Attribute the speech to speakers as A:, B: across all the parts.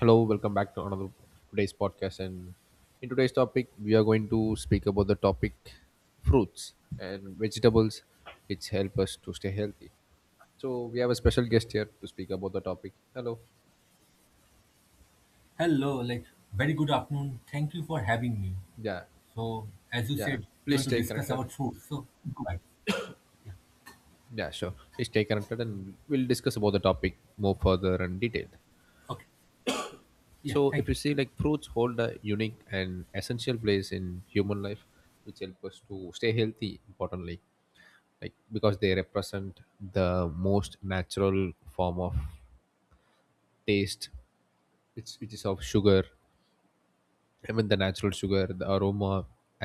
A: Hello, welcome back to another today's podcast. And in today's topic, we are going to speak about the topic fruits and vegetables, which help us to stay healthy. So we have a special guest here to speak about the topic. Hello.
B: Hello, very good afternoon. Thank you for having me.
A: Yeah,
B: So, as you
A: yeah.
B: said, you
A: Please
B: want to
A: stay
B: discuss
A: connected.
B: about food. So, go ahead. Yeah.
A: Yeah, sure. Please stay connected, and we'll discuss about the topic more further and detailed.
B: Okay. Yeah.
A: So
B: Thank
A: if you
B: you.
A: see, like fruits hold a unique and essential place in human life, which help us to stay healthy. Importantly, like because they represent the most natural form of taste which is of sugar, I mean the natural sugar, the aroma,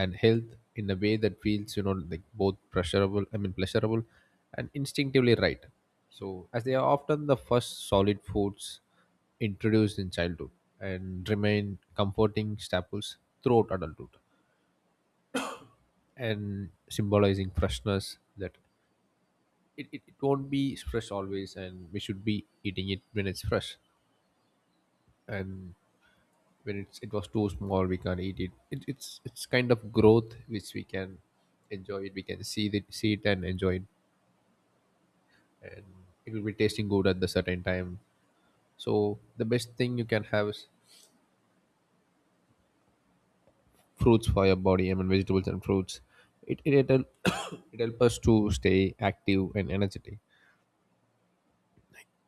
A: and health, in a way that feels, you know, like both pleasurable, I mean pleasurable and instinctively right. So as they are often the first solid foods introduced in childhood and remain comforting staples throughout adulthood, and symbolizing freshness, that it won't be fresh always, and we should be eating it when it's fresh. And when it was too small we can't eat it. It's kind of growth which we can enjoy it, we can see it and enjoy it. And it will be tasting good at the certain time. So the best thing you can have is fruits for your body, I mean vegetables and fruits. It it help us to stay active and energetic,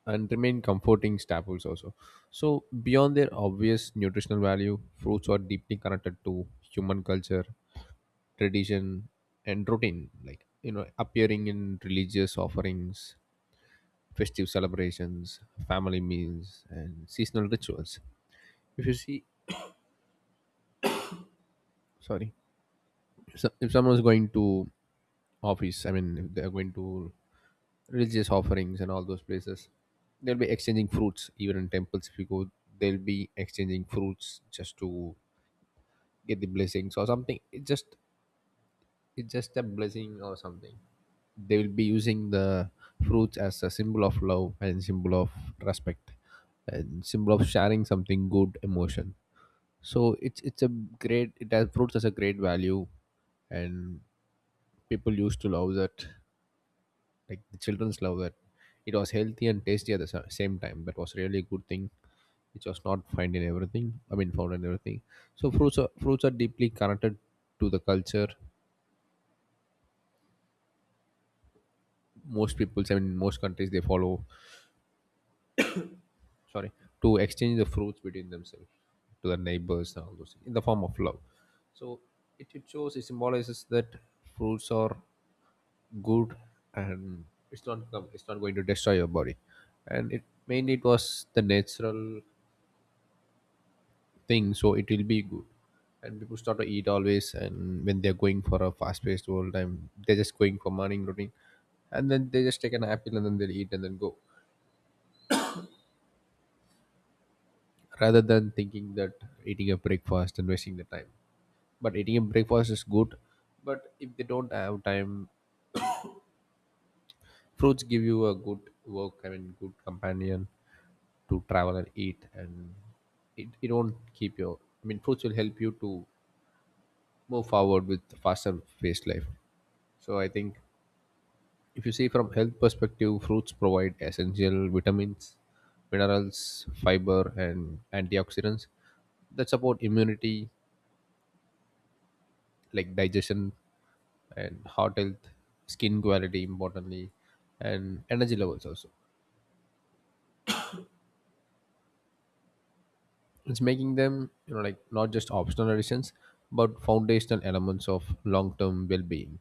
A: and remain comforting staples also. So beyond their obvious nutritional value, fruits are deeply connected to human culture, tradition, and routine. Like, you know, appearing in religious offerings, festive celebrations, family meals, and seasonal rituals. If you see, sorry, so if someone is going to office, I mean, if they're going to religious offerings and all those places, they'll be exchanging fruits. Even in temples, if you go, they'll be exchanging fruits just to get the blessings or something. It's just a blessing or something. They will be using the fruits as a symbol of love and symbol of respect and symbol of sharing something good emotion. So it's a great, it has fruits as a great value. And people used to love that, like the children's love that. It was healthy and tasty at the same time. That was really a good thing, which was not found in everything, I mean found in everything. So fruits are deeply connected to the culture. Most people, I mean, most countries, they follow, sorry, to exchange the fruits between themselves, to their neighbors and all those things, in the form of love. So it shows, it symbolizes that fruits are good, and it's not going to destroy your body. And it mainly it was the natural thing, so it will be good. And people start to eat always, and when they're going for a fast-paced world time, they're just going for morning routine, and then they just take an apple and then they'll eat and then go, rather than thinking that eating a breakfast and wasting the time. But eating a breakfast is good, but if they don't have time, fruits give you a good work, I mean, good companion to travel and eat, and it won't keep your, I mean, fruits will help you to move forward with faster paced life. So I think if you see from health perspective, fruits provide essential vitamins, minerals, fiber, and antioxidants that support immunity, like digestion and heart health, skin quality, importantly, and energy levels also. It's making them, you know, like not just optional additions, but foundational elements of long-term well-being.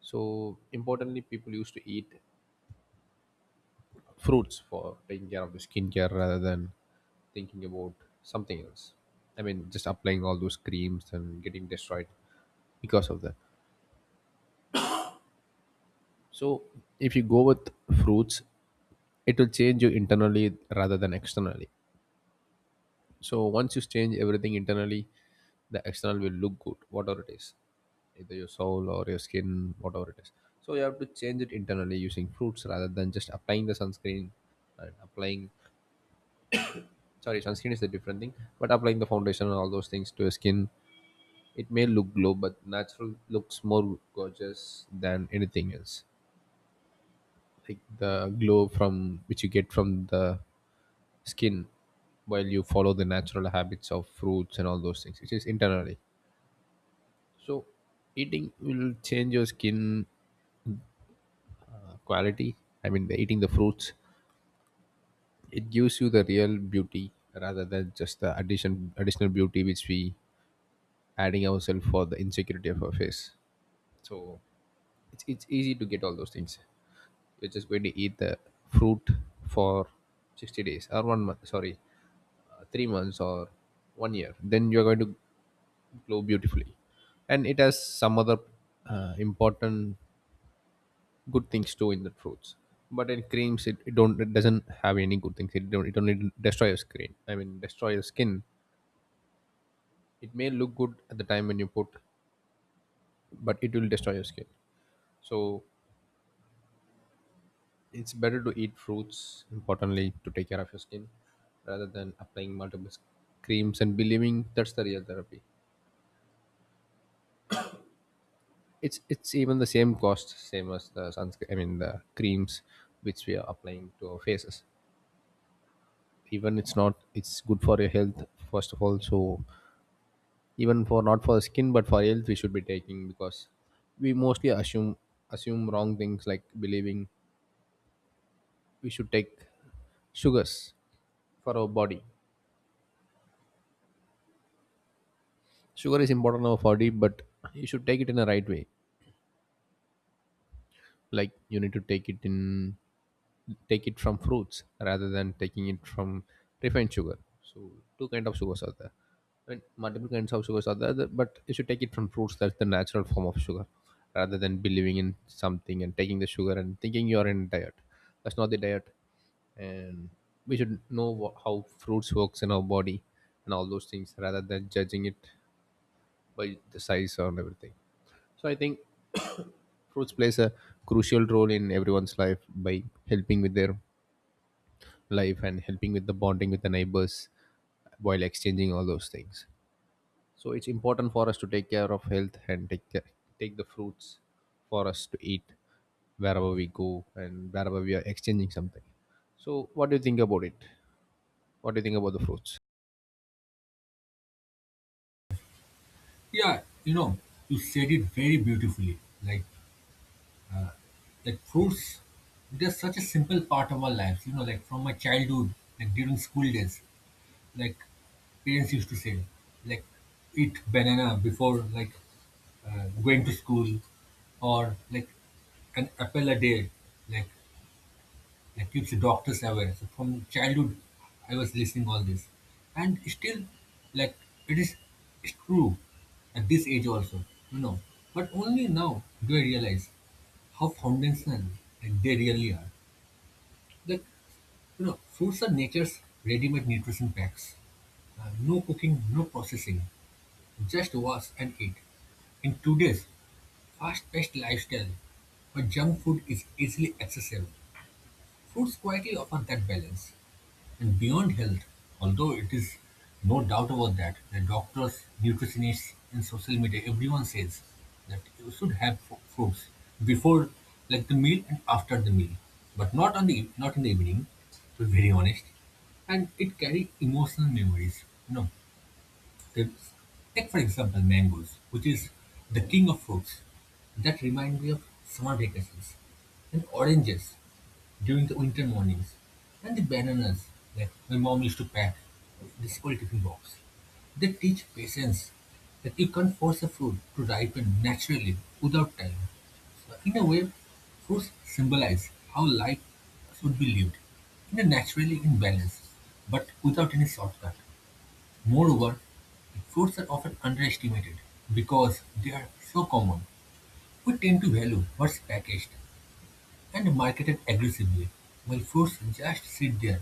A: So importantly, people used to eat fruits for taking care of the skincare rather than thinking about something else. I mean, just applying all those creams and getting destroyed because of that. So if you go with fruits, it will change you internally rather than externally. So once you change everything internally, the external will look good, whatever it is, either your soul or your skin, whatever it is. So you have to change it internally using fruits rather than just applying the sunscreen and applying. Sorry, sunscreen is a different thing, but applying the foundation and all those things to your skin, it may look glow, but natural looks more gorgeous than anything else. Like the glow from which you get from the skin while you follow the natural habits of fruits and all those things, which is internally. So eating will change your skin quality. I mean, eating the fruits, it gives you the real beauty rather than just the additional beauty which we adding ourselves for the insecurity of our face. So it's easy to get all those things. You're just going to eat the fruit for 60 days or 1 month. Sorry, 3 months or 1 year. Then you're going to glow beautifully, and it has some other important good things too in the fruits. But in creams, it don't it doesn't have any good things, it don't it only destroy your skin, I mean destroy your skin. It may look good at the time when you put, but it will destroy your skin. So it's better to eat fruits importantly to take care of your skin rather than applying multiple creams and believing that's the real therapy. It's even the same cost, same as the sunscreen, I mean the creams which we are applying to our faces. Even it's not, it's good for your health first of all. So even for not for skin but for health we should be taking, because we mostly assume wrong things, like believing we should take sugars for our body. Sugar is important for our body, but you should take it in a right way. Like you need to take it from fruits rather than taking it from refined sugar. So two kind of sugars are there. And multiple kinds of sugars are there, but you should take it from fruits. That's the natural form of sugar, rather than believing in something and taking the sugar and thinking you are in diet. That's not the diet, and we should know how fruits works in our body and all those things, rather than judging it by the size and everything. So I think fruits plays a crucial role in everyone's life by helping with their life and helping with the bonding with the neighbors while exchanging all those things. So it's important for us to take care of health and take care, take the fruits for us to eat wherever we go and wherever we are exchanging something. So what do you think about it? What do you think about the fruits?
B: Yeah. You know, you said it very beautifully. Like, like fruits, they're such a simple part of our lives. You know, like from my childhood, like during school days, like parents used to say, like eat banana before going to school, or like an apple a day, like that keeps doctors aware. So from childhood, I was listening all this, and still, like it is it's true at this age also, you know. But only now do I realize how foundational, like, they really are. Like you know, fruits are nature's ready-made nutrition packs. No cooking, no processing, just wash and eat. In today's fast-paced lifestyle, where junk food is easily accessible, fruits quietly offer that balance. And beyond health, although it is no doubt about that, the doctors, nutritionists, and social media, everyone says that you should have fruits before, like the meal and after the meal, but not in the evening. To be very honest, and it carry emotional memories. You know, they, take for example mangoes, which is the king of fruits. That remind me of summer vacations and oranges during the winter mornings, and the bananas that my mom used to pack in the school tiffin box. They teach patience that you can't force a fruit to ripen naturally without time. So in a way, fruits symbolize how life should be lived in a naturally in balance, but without any shortcut. Moreover, fruits are often underestimated because they are so common. We tend to value what's packaged and marketed aggressively, while fruits just sit there,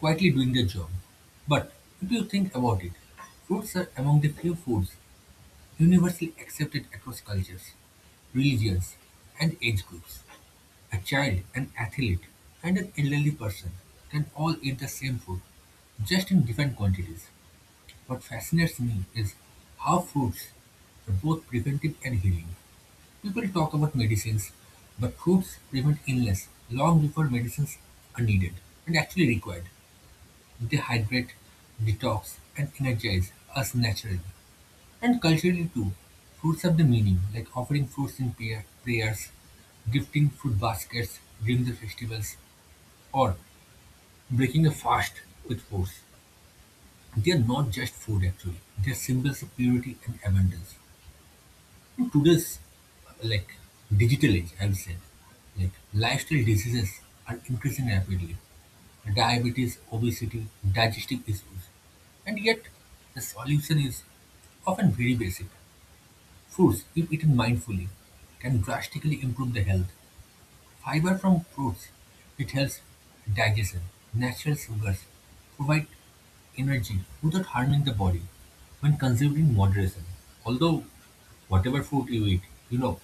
B: quietly doing their job. But if you think about it, fruits are among the few foods universally accepted across cultures, religions, and age groups. A child, an athlete, and an elderly person can all eat the same food, just in different quantities. What fascinates me is how fruits are both preventive and healing. People talk about medicines, but foods prevent illness long before medicines are needed and actually required. They hydrate, detox, and energize us naturally. And culturally too, fruits have the meaning, like offering fruits in prayers, gifting fruit baskets during the festivals, or breaking a fast with fruits. They are not just food actually, they are symbols of purity and abundance. In today's, like, digital age, I would say, like lifestyle diseases are increasing rapidly. Diabetes, obesity, digestive issues. And yet the solution is often very basic. Fruits, if eaten mindfully, can drastically improve the health. Fiber from fruits, it helps digestion. Natural sugars provide energy without harming the body when consumed in moderation. Although whatever food you eat, you know,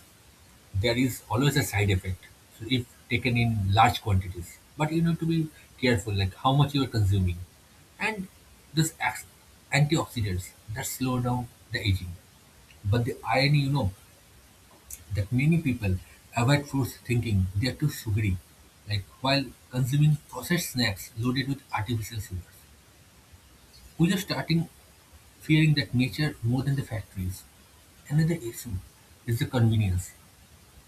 B: there is always a side effect so if taken in large quantities, but you need to be careful, like how much you are consuming. And this acts antioxidants that slow down the aging. But the irony, you know, that many people avoid fruits thinking they are too sugary, like while consuming processed snacks loaded with artificial sugars. We are starting fearing that nature more than the factories. Another issue is the convenience.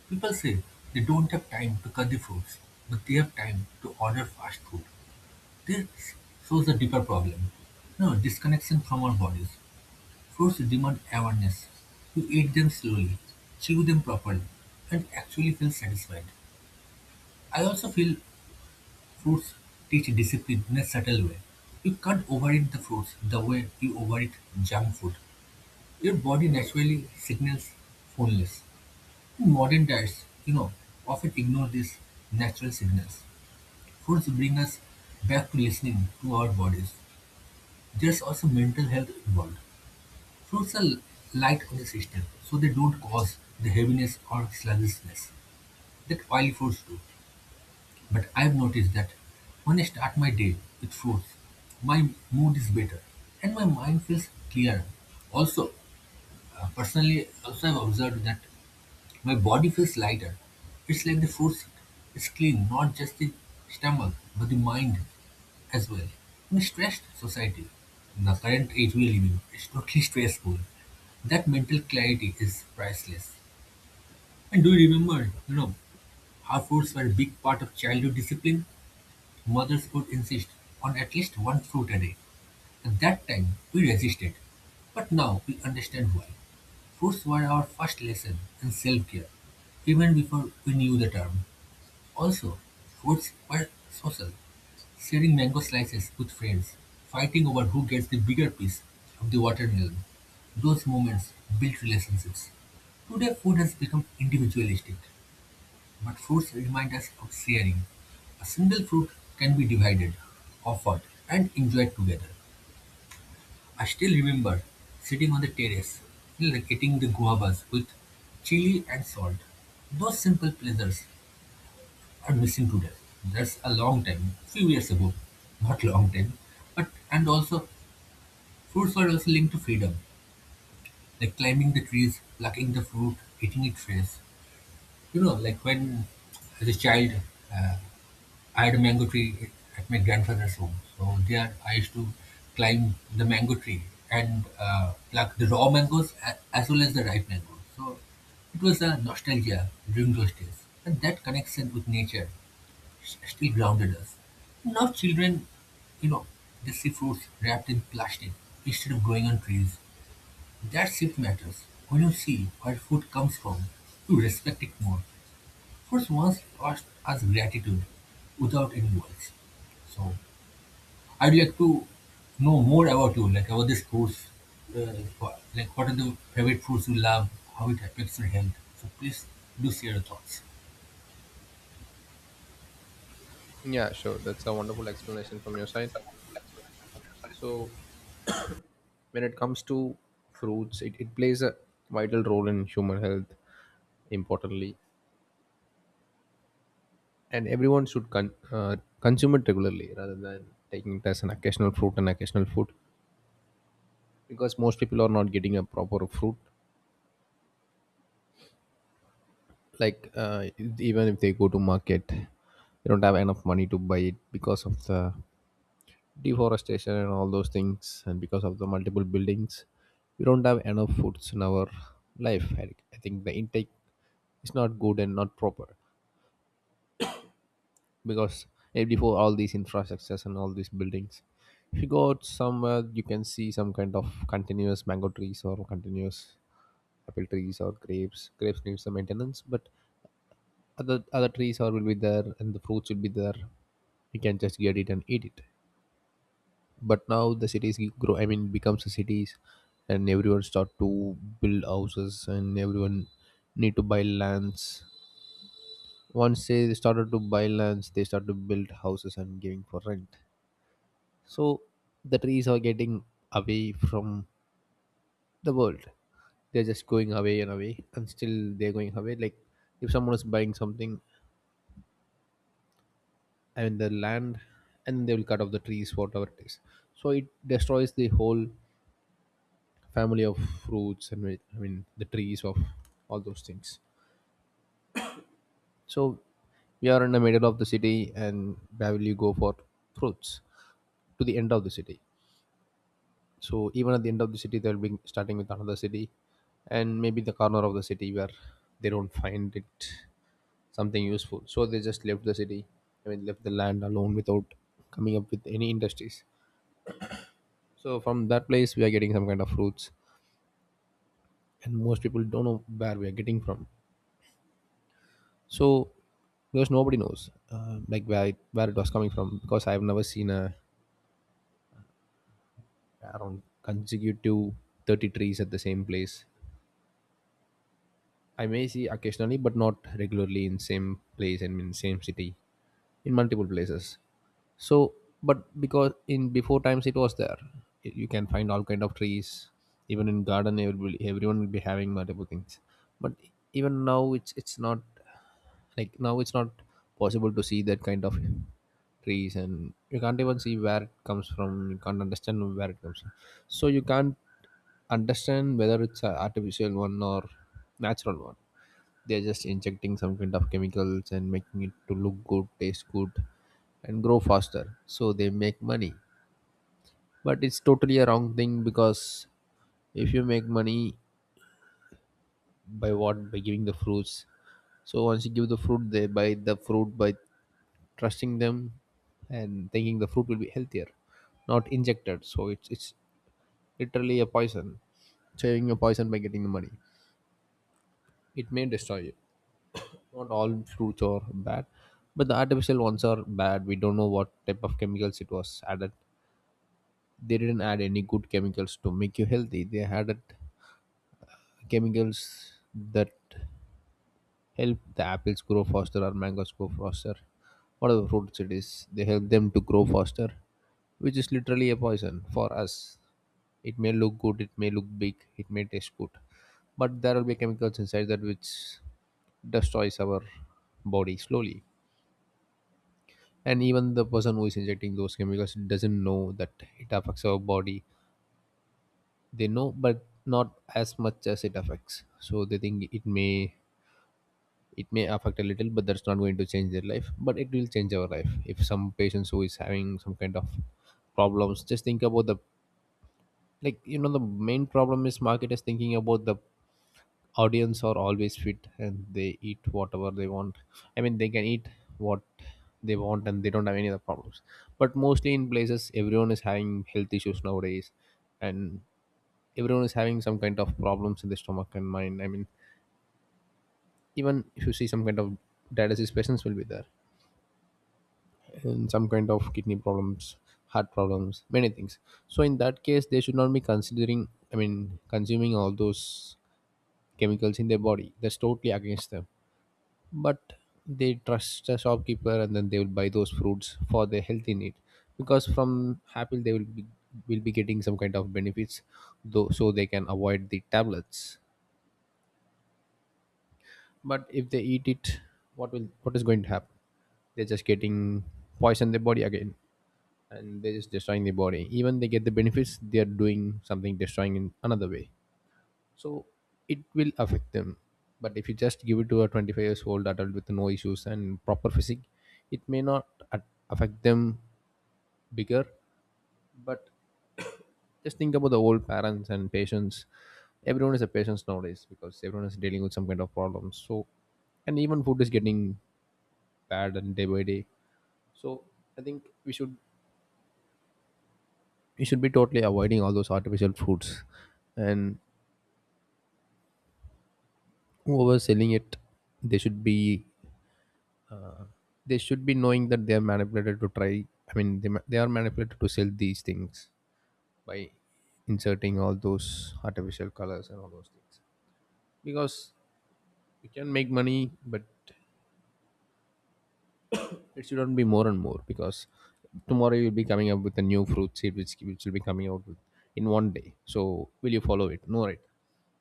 B: People say they don't have time to cut the fruits, but they have time to order fast food. This shows a deeper problem. No, disconnection from our bodies. Fruits demand awareness. You eat them slowly, chew them properly, and actually feel satisfied. I also feel fruits teach discipline in a subtle way. You can't overeat the fruits the way you overeat junk food. Your body naturally signals fullness. Modern diets, you know, often ignore these natural signals. Foods bring us back to listening to our bodies. There's also mental health involved. Fruits are light on the system, so they don't cause the heaviness or sluggishness that oily foods do. But I've noticed that when I start my day with fruits, my mood is better and my mind feels clearer. Also, personally, also I've observed that my body feels lighter. It's like the food seat. It's clean, not just the stomach, but the mind as well. In a stressed society, the current age we live in is totally stressful. That mental clarity is priceless. And do you remember, you know, how fruits were a big part of childhood discipline? Mothers would insist on at least one fruit a day. At that time, we resisted, but now we understand why. Foods were our first lesson in self care, even before we knew the term. Also, foods were social, sharing mango slices with friends, fighting over who gets the bigger piece of the watermelon. Those moments built relationships. Today, food has become individualistic, but fruits remind us of sharing. A single fruit can be divided, offered, and enjoyed together. I still remember sitting on the terrace, eating the guavas with chili and salt. Those simple pleasures are missing today. That's a long time, few years ago. Not long time, but and also fruits were also linked to freedom, like climbing the trees, plucking the fruit, eating it fresh. You know, like when as a child, uh, I had a mango tree at my grandfather's home. So there I used to climb the mango tree and pluck the raw mangoes as well as the ripe mangoes. So it was a nostalgia during those days. And that connection with nature still grounded us. Now children, you know, they see fruits wrapped in plastic instead of growing on trees. That shift matters. When you see where food comes from, you respect it more. First, once asked us gratitude without any words. So I'd like to know more about you, like about this course, uh, like what are the favorite foods you love, how it affects your health. So please do share your thoughts.
A: Yeah, sure, that's a wonderful explanation from your side. So when it comes to fruits, it plays a vital role in human health, importantly. And everyone should consume it regularly rather than taking it as an occasional fruit and occasional food, because most people are not getting a proper fruit. Like, even if they go to market, they don't have enough money to buy it because of the deforestation and all those things, and because of the multiple buildings. We don't have enough foods in our life. I think the intake is not good and not proper. Because before all these infrastructures and all these buildings, if you go out somewhere you can see some kind of continuous mango trees or continuous apple trees or grapes. Grapes need some maintenance, but other trees are will be there and the fruits will be there, you can just get it and eat it. But now the cities grow, I mean becomes the cities, and everyone start to build houses and everyone need to buy lands. Once they started to buy lands they start to build houses and giving for rent. So the trees are getting away from the world. They're just going away and away, and still they're going away. Like if someone is buying something and the land, and they will cut off the trees, whatever it is. So it destroys the whole family of fruits and I mean the trees of all those things. So we are in the middle of the city, and where will you go for fruits? To the end of the city. So even at the end of the city, they'll be starting with another city, and maybe the corner of the city where they don't find it something useful. So they just left the city. I mean, left the land alone without coming up with any industries. So from that place, we are getting some kind of fruits, and most people don't know where we are getting from. So because nobody knows, like where where it was coming from. Because I've never seen a around consecutive 30 trees at the same place. I may see occasionally, but not regularly in same place and in same city, in multiple places. So, but because in before times it was there, you can find all kind of trees. Even in garden, everyone will be having multiple things. But even now, it's not, like now it's not possible to see that kind of trees, and you can't even see where it comes from. You can't understand where it comes from. So you can't understand whether it's an artificial one or natural one. They're just injecting some kind of chemicals and making it to look good, taste good, and grow faster so they make money. But it's totally a wrong thing, because if you make money by what, by giving the fruits, so once you give the fruit, they buy the fruit by trusting them and thinking the fruit will be healthier, not injected. So it's literally a poison. Saving a poison by getting the money, it may destroy you. Not all fruits are bad, but the artificial ones are bad. We don't know what type of chemicals it was added. They didn't add any good chemicals to make you healthy. They added chemicals that help the apples grow faster or mangoes grow faster, whatever fruits it is, they help them to grow faster, which is literally a poison for us. It may look good, it may look big, it may taste good, but there will be chemicals inside that which destroys our body slowly. And even the person who is injecting those chemicals doesn't know that it affects our body. They know, but not as much as it affects, so they think it may, it may affect a little, but that's not going to change their life. But it will change our life if some patients who is having some kind of problems. Just think about the, the main problem is market is thinking about the audience are always fit and they eat whatever they want. I mean, they can eat what they want and they don't have any other problems. But mostly in places everyone is having health issues nowadays. And everyone is having some kind of problems in the stomach and mind. I mean, even if you see, some kind of dialysis patients will be there, and some kind of kidney problems, heart problems, many things. So in that case they should not be considering, I mean consuming all those chemicals in their body. That's totally against them. But they trust the shopkeeper and then they will buy those fruits for their healthy need, because from apple they will be getting some kind of benefits though, so they can avoid the tablets. But if they eat it, what is going to happen, they're just getting poison their body again. And they're just destroying the body. Even they get the benefits, they're doing something destroying in another way. So it will affect them. But if you just give it to a 25 years old adult with no issues and proper physique, it may not affect them bigger. But just think about the old parents and patients. Everyone is a patient nowadays because everyone is dealing with some kind of problems. So and even food is getting bad and day by day. So I think we should be totally avoiding all those artificial foods. And whoever selling it, they should be they should be knowing that they are manipulated to try, I mean they are manipulated to sell these things by inserting all those artificial colors and all those things. Because you can make money, but it shouldn't be more and more. Because tomorrow you'll be coming up with a new fruit seed which will be coming out with in one day, so will you follow it? No, right?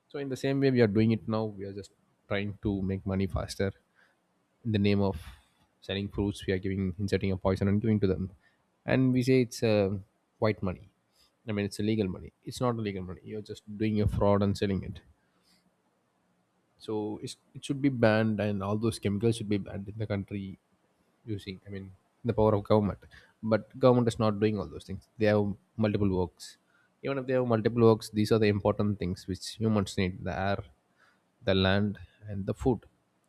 A: So in the same way we are doing it now. We are just trying to make money faster in the name of selling fruits. We are giving, inserting a poison and giving to them, and we say it's white money. I mean, it's illegal money. It's not illegal money, you're just doing a fraud and selling it. So it should be banned and all those chemicals should be banned in the country using, I mean the power of government. But government is not doing all those things. They have multiple works. Even if they have multiple works, these are the important things which humans need: the air, the land, and the food.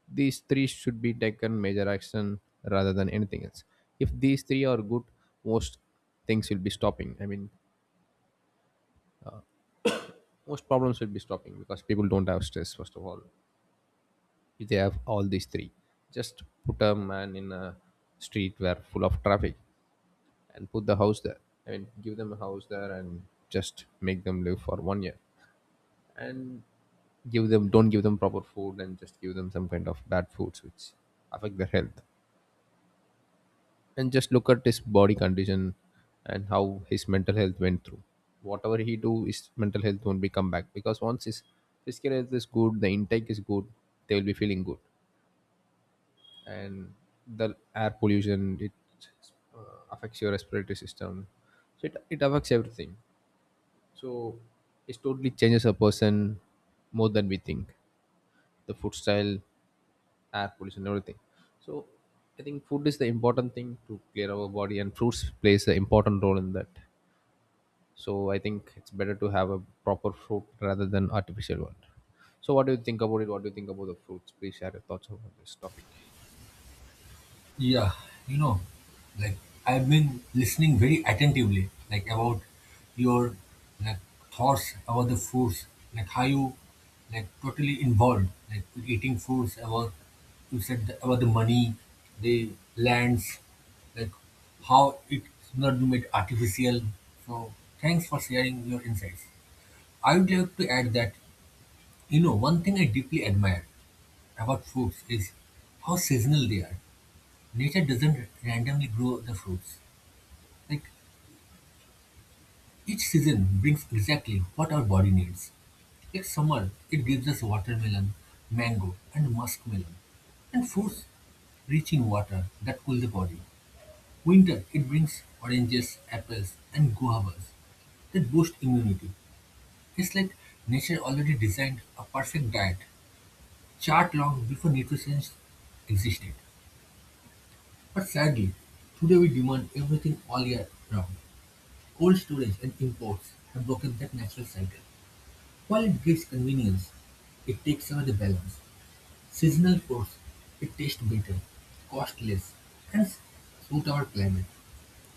A: These three should be taken major action rather than anything else. If these three are good, most things will be stopping. I mean, most problems will be stopping because people don't have stress, first of all. If they have all these three, just put a man in a street where full of traffic and put the house there. I mean, give them a house there and just make them live for one year. And give them, don't give them proper food, and just give them some kind of bad foods which affect their health, and just look at his body condition and how his mental health went through. Whatever he do, his mental health won't be come back. Because once his physical health is good, the intake is good, they will be feeling good. And the air pollution, it uh, affects your respiratory system. So it affects everything. So it totally changes a person more than we think. The food style, air pollution, and everything. So I think food is the important thing to clear our body, and fruits plays an important role in that. So I think it's better to have a proper fruit rather than artificial one. So what do you think about it? What do you think about the fruits? Please share your thoughts about this topic.
B: Yeah, you know, like I've been listening very attentively, like about your, like, thoughts about the foods, like how you, like, totally involved, like with eating foods about you said about the money, the lands, like how it's not made artificial. So thanks for sharing your insights. I would like to add that you know one thing I deeply admire about foods is how seasonal they are. Nature doesn't randomly grow the fruits. Like each season brings exactly what our body needs. Like summer, it gives us watermelon, mango, and muskmelon, and fruits rich in water that cool the body. Winter, it brings oranges, apples, and guavas that boost immunity. It's like nature already designed a perfect diet chart long before nutrition existed. But sadly, today we demand everything all year round. Cold storage and imports have broken that natural cycle. While it gives convenience, it takes away the balance. Seasonal fruits, it tastes better, cost less, and suit our climate.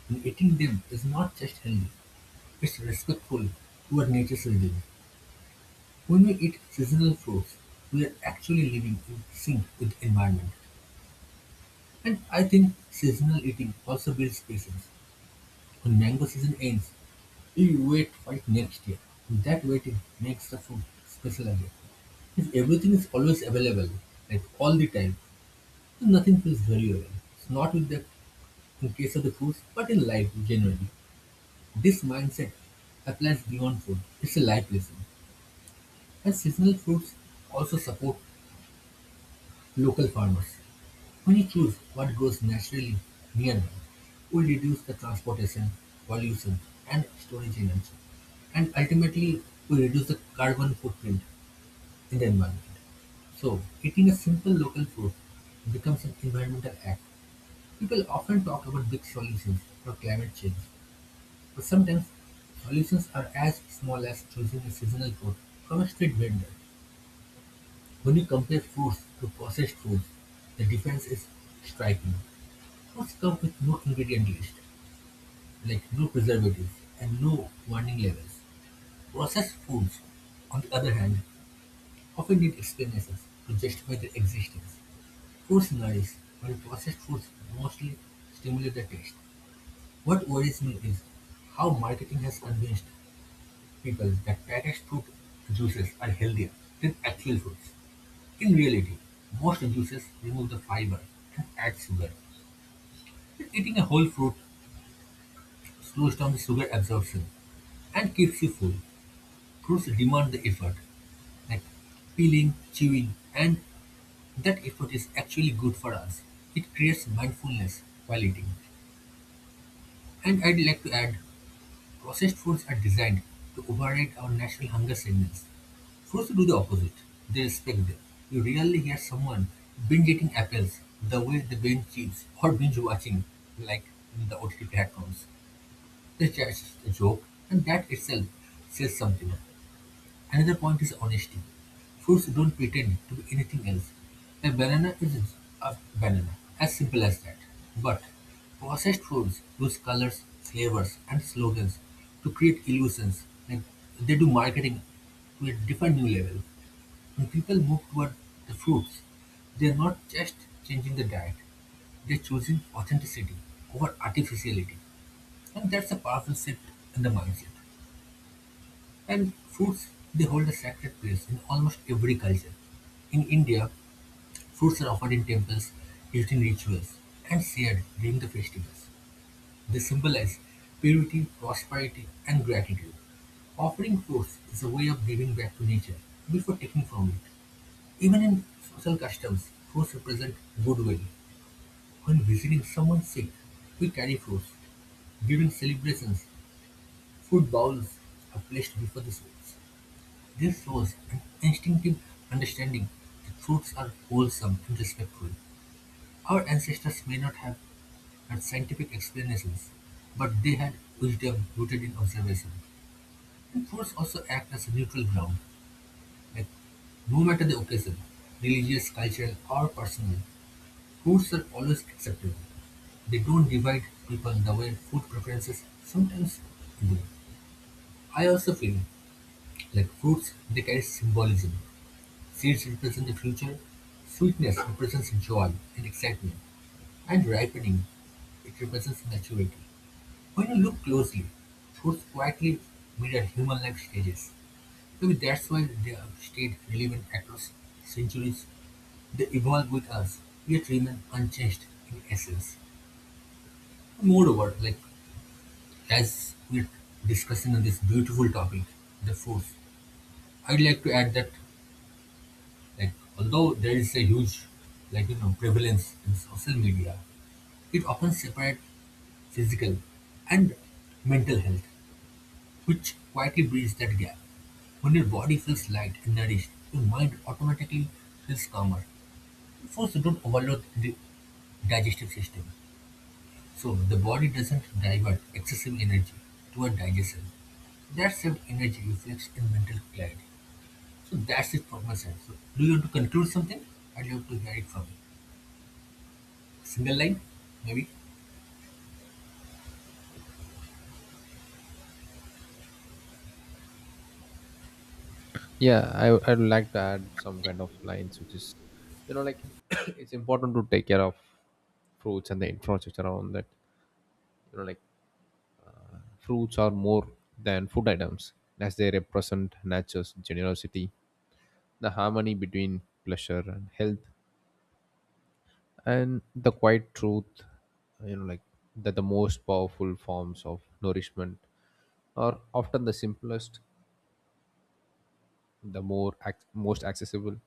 B: And eating them is not just healthy, it's respectful to our nature's rhythm. When we eat seasonal fruits, we are actually living in sync with the environment. And I think seasonal eating also builds patience. When mango season ends, we wait for it next year. That waiting makes the food special again. If everything is always available, like all the time, then nothing feels very well. It's not with that in case of the foods, but in life generally. This mindset applies beyond food. It's a life lesson. And seasonal fruits also support local farmers. When you choose what goes naturally near them, we reduce the transportation, pollution, and storage energy. And ultimately, we reduce the carbon footprint in the environment. So, eating a simple local food becomes an environmental act. People often talk about big solutions for climate change, but sometimes solutions are as small as choosing a seasonal fruit from a street vendor. When you compare foods to processed foods, the difference is striking. Most come with no ingredient list, like no preservatives and no warning labels. Processed foods, on the other hand, often need explanations to justify their existence. Food scenarios, while processed foods mostly stimulate the taste. What worries me is how marketing has convinced people that packaged fruit juices are healthier than actual fruits. In reality, most juices remove the fiber and add sugar. Eating a whole fruit slows down the sugar absorption and keeps you full. Fruits demand the effort, like peeling, chewing, and that effort is actually good for us. It creates mindfulness while eating. And I'd like to add, processed foods are designed to override our natural hunger signals. Fruits do the opposite. They respect them. You rarely hear someone binge eating apples the way they binge chips or binge watching, like, in the OTT platforms. They just a joke, and that itself says something. Another point is honesty. Foods don't pretend to be anything else. A banana is a banana, as simple as that. But processed foods use colors, flavors, and slogans to create illusions. Like they do marketing to a different new level. When people move toward the fruits, they're not just changing the diet, they're choosing authenticity over artificiality. And that's a powerful shift in the mindset. And fruits, they hold a sacred place in almost every culture. In India, fruits are offered in temples, used in rituals, and shared during the festivals. They symbolize purity, prosperity, and gratitude. Offering fruits is a way of giving back to nature before taking from it. Even in social customs, fruits represent goodwill. When visiting someone sick, we carry fruits. During celebrations, food bowls are placed before the souls. This shows an instinctive understanding that fruits are wholesome and respectful. Our ancestors may not have had scientific explanations, but they had wisdom rooted in observation. And truths also act as a neutral ground, like no matter the occasion, religious, cultural, or personal, fruits are always acceptable. They don't divide people the way food preferences sometimes do. I also feel like fruits they carry symbolism. Seeds represent the future, sweetness represents joy and excitement, and ripening, it represents maturity. When you look closely, fruits quietly mirror human life stages. Maybe that's why they have stayed relevant across centuries. They evolve with us, yet remain unchanged in essence. Moreover, like as we're discussing on this beautiful topic, the fruits, I'd like to add that, like, although there is a huge, like, you know, prevalence in social media, it often separates physical and mental health, which quietly bridges that gap. When your body feels light and nourished, your mind automatically feels calmer. First, you don't overload the digestive system, so the body doesn't divert excessive energy toward digestion. That saved energy reflects in mental clarity. So that's it for myself. So do you want to conclude something? I'd love to hear it from you. Single line, maybe?
A: Yeah, I'd like to add some kind of lines, which is, you know, like it's important to take care of fruits and the infrastructure around that. You know, like, fruits are more than food items, as they represent nature's generosity, the harmony between pleasure and health, and the quiet truth, you know, like, that the most powerful forms of nourishment are often the simplest, the most accessible,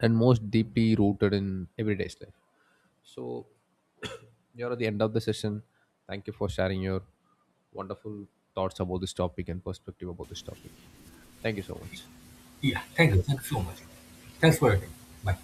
A: and most deeply rooted in everyday life. So you're at the end of the session. Thank you for sharing your wonderful thoughts about this topic and perspective about this topic. Thank you so much.
B: Yeah, thank you. Thank you so much. Thanks for your time. Bye.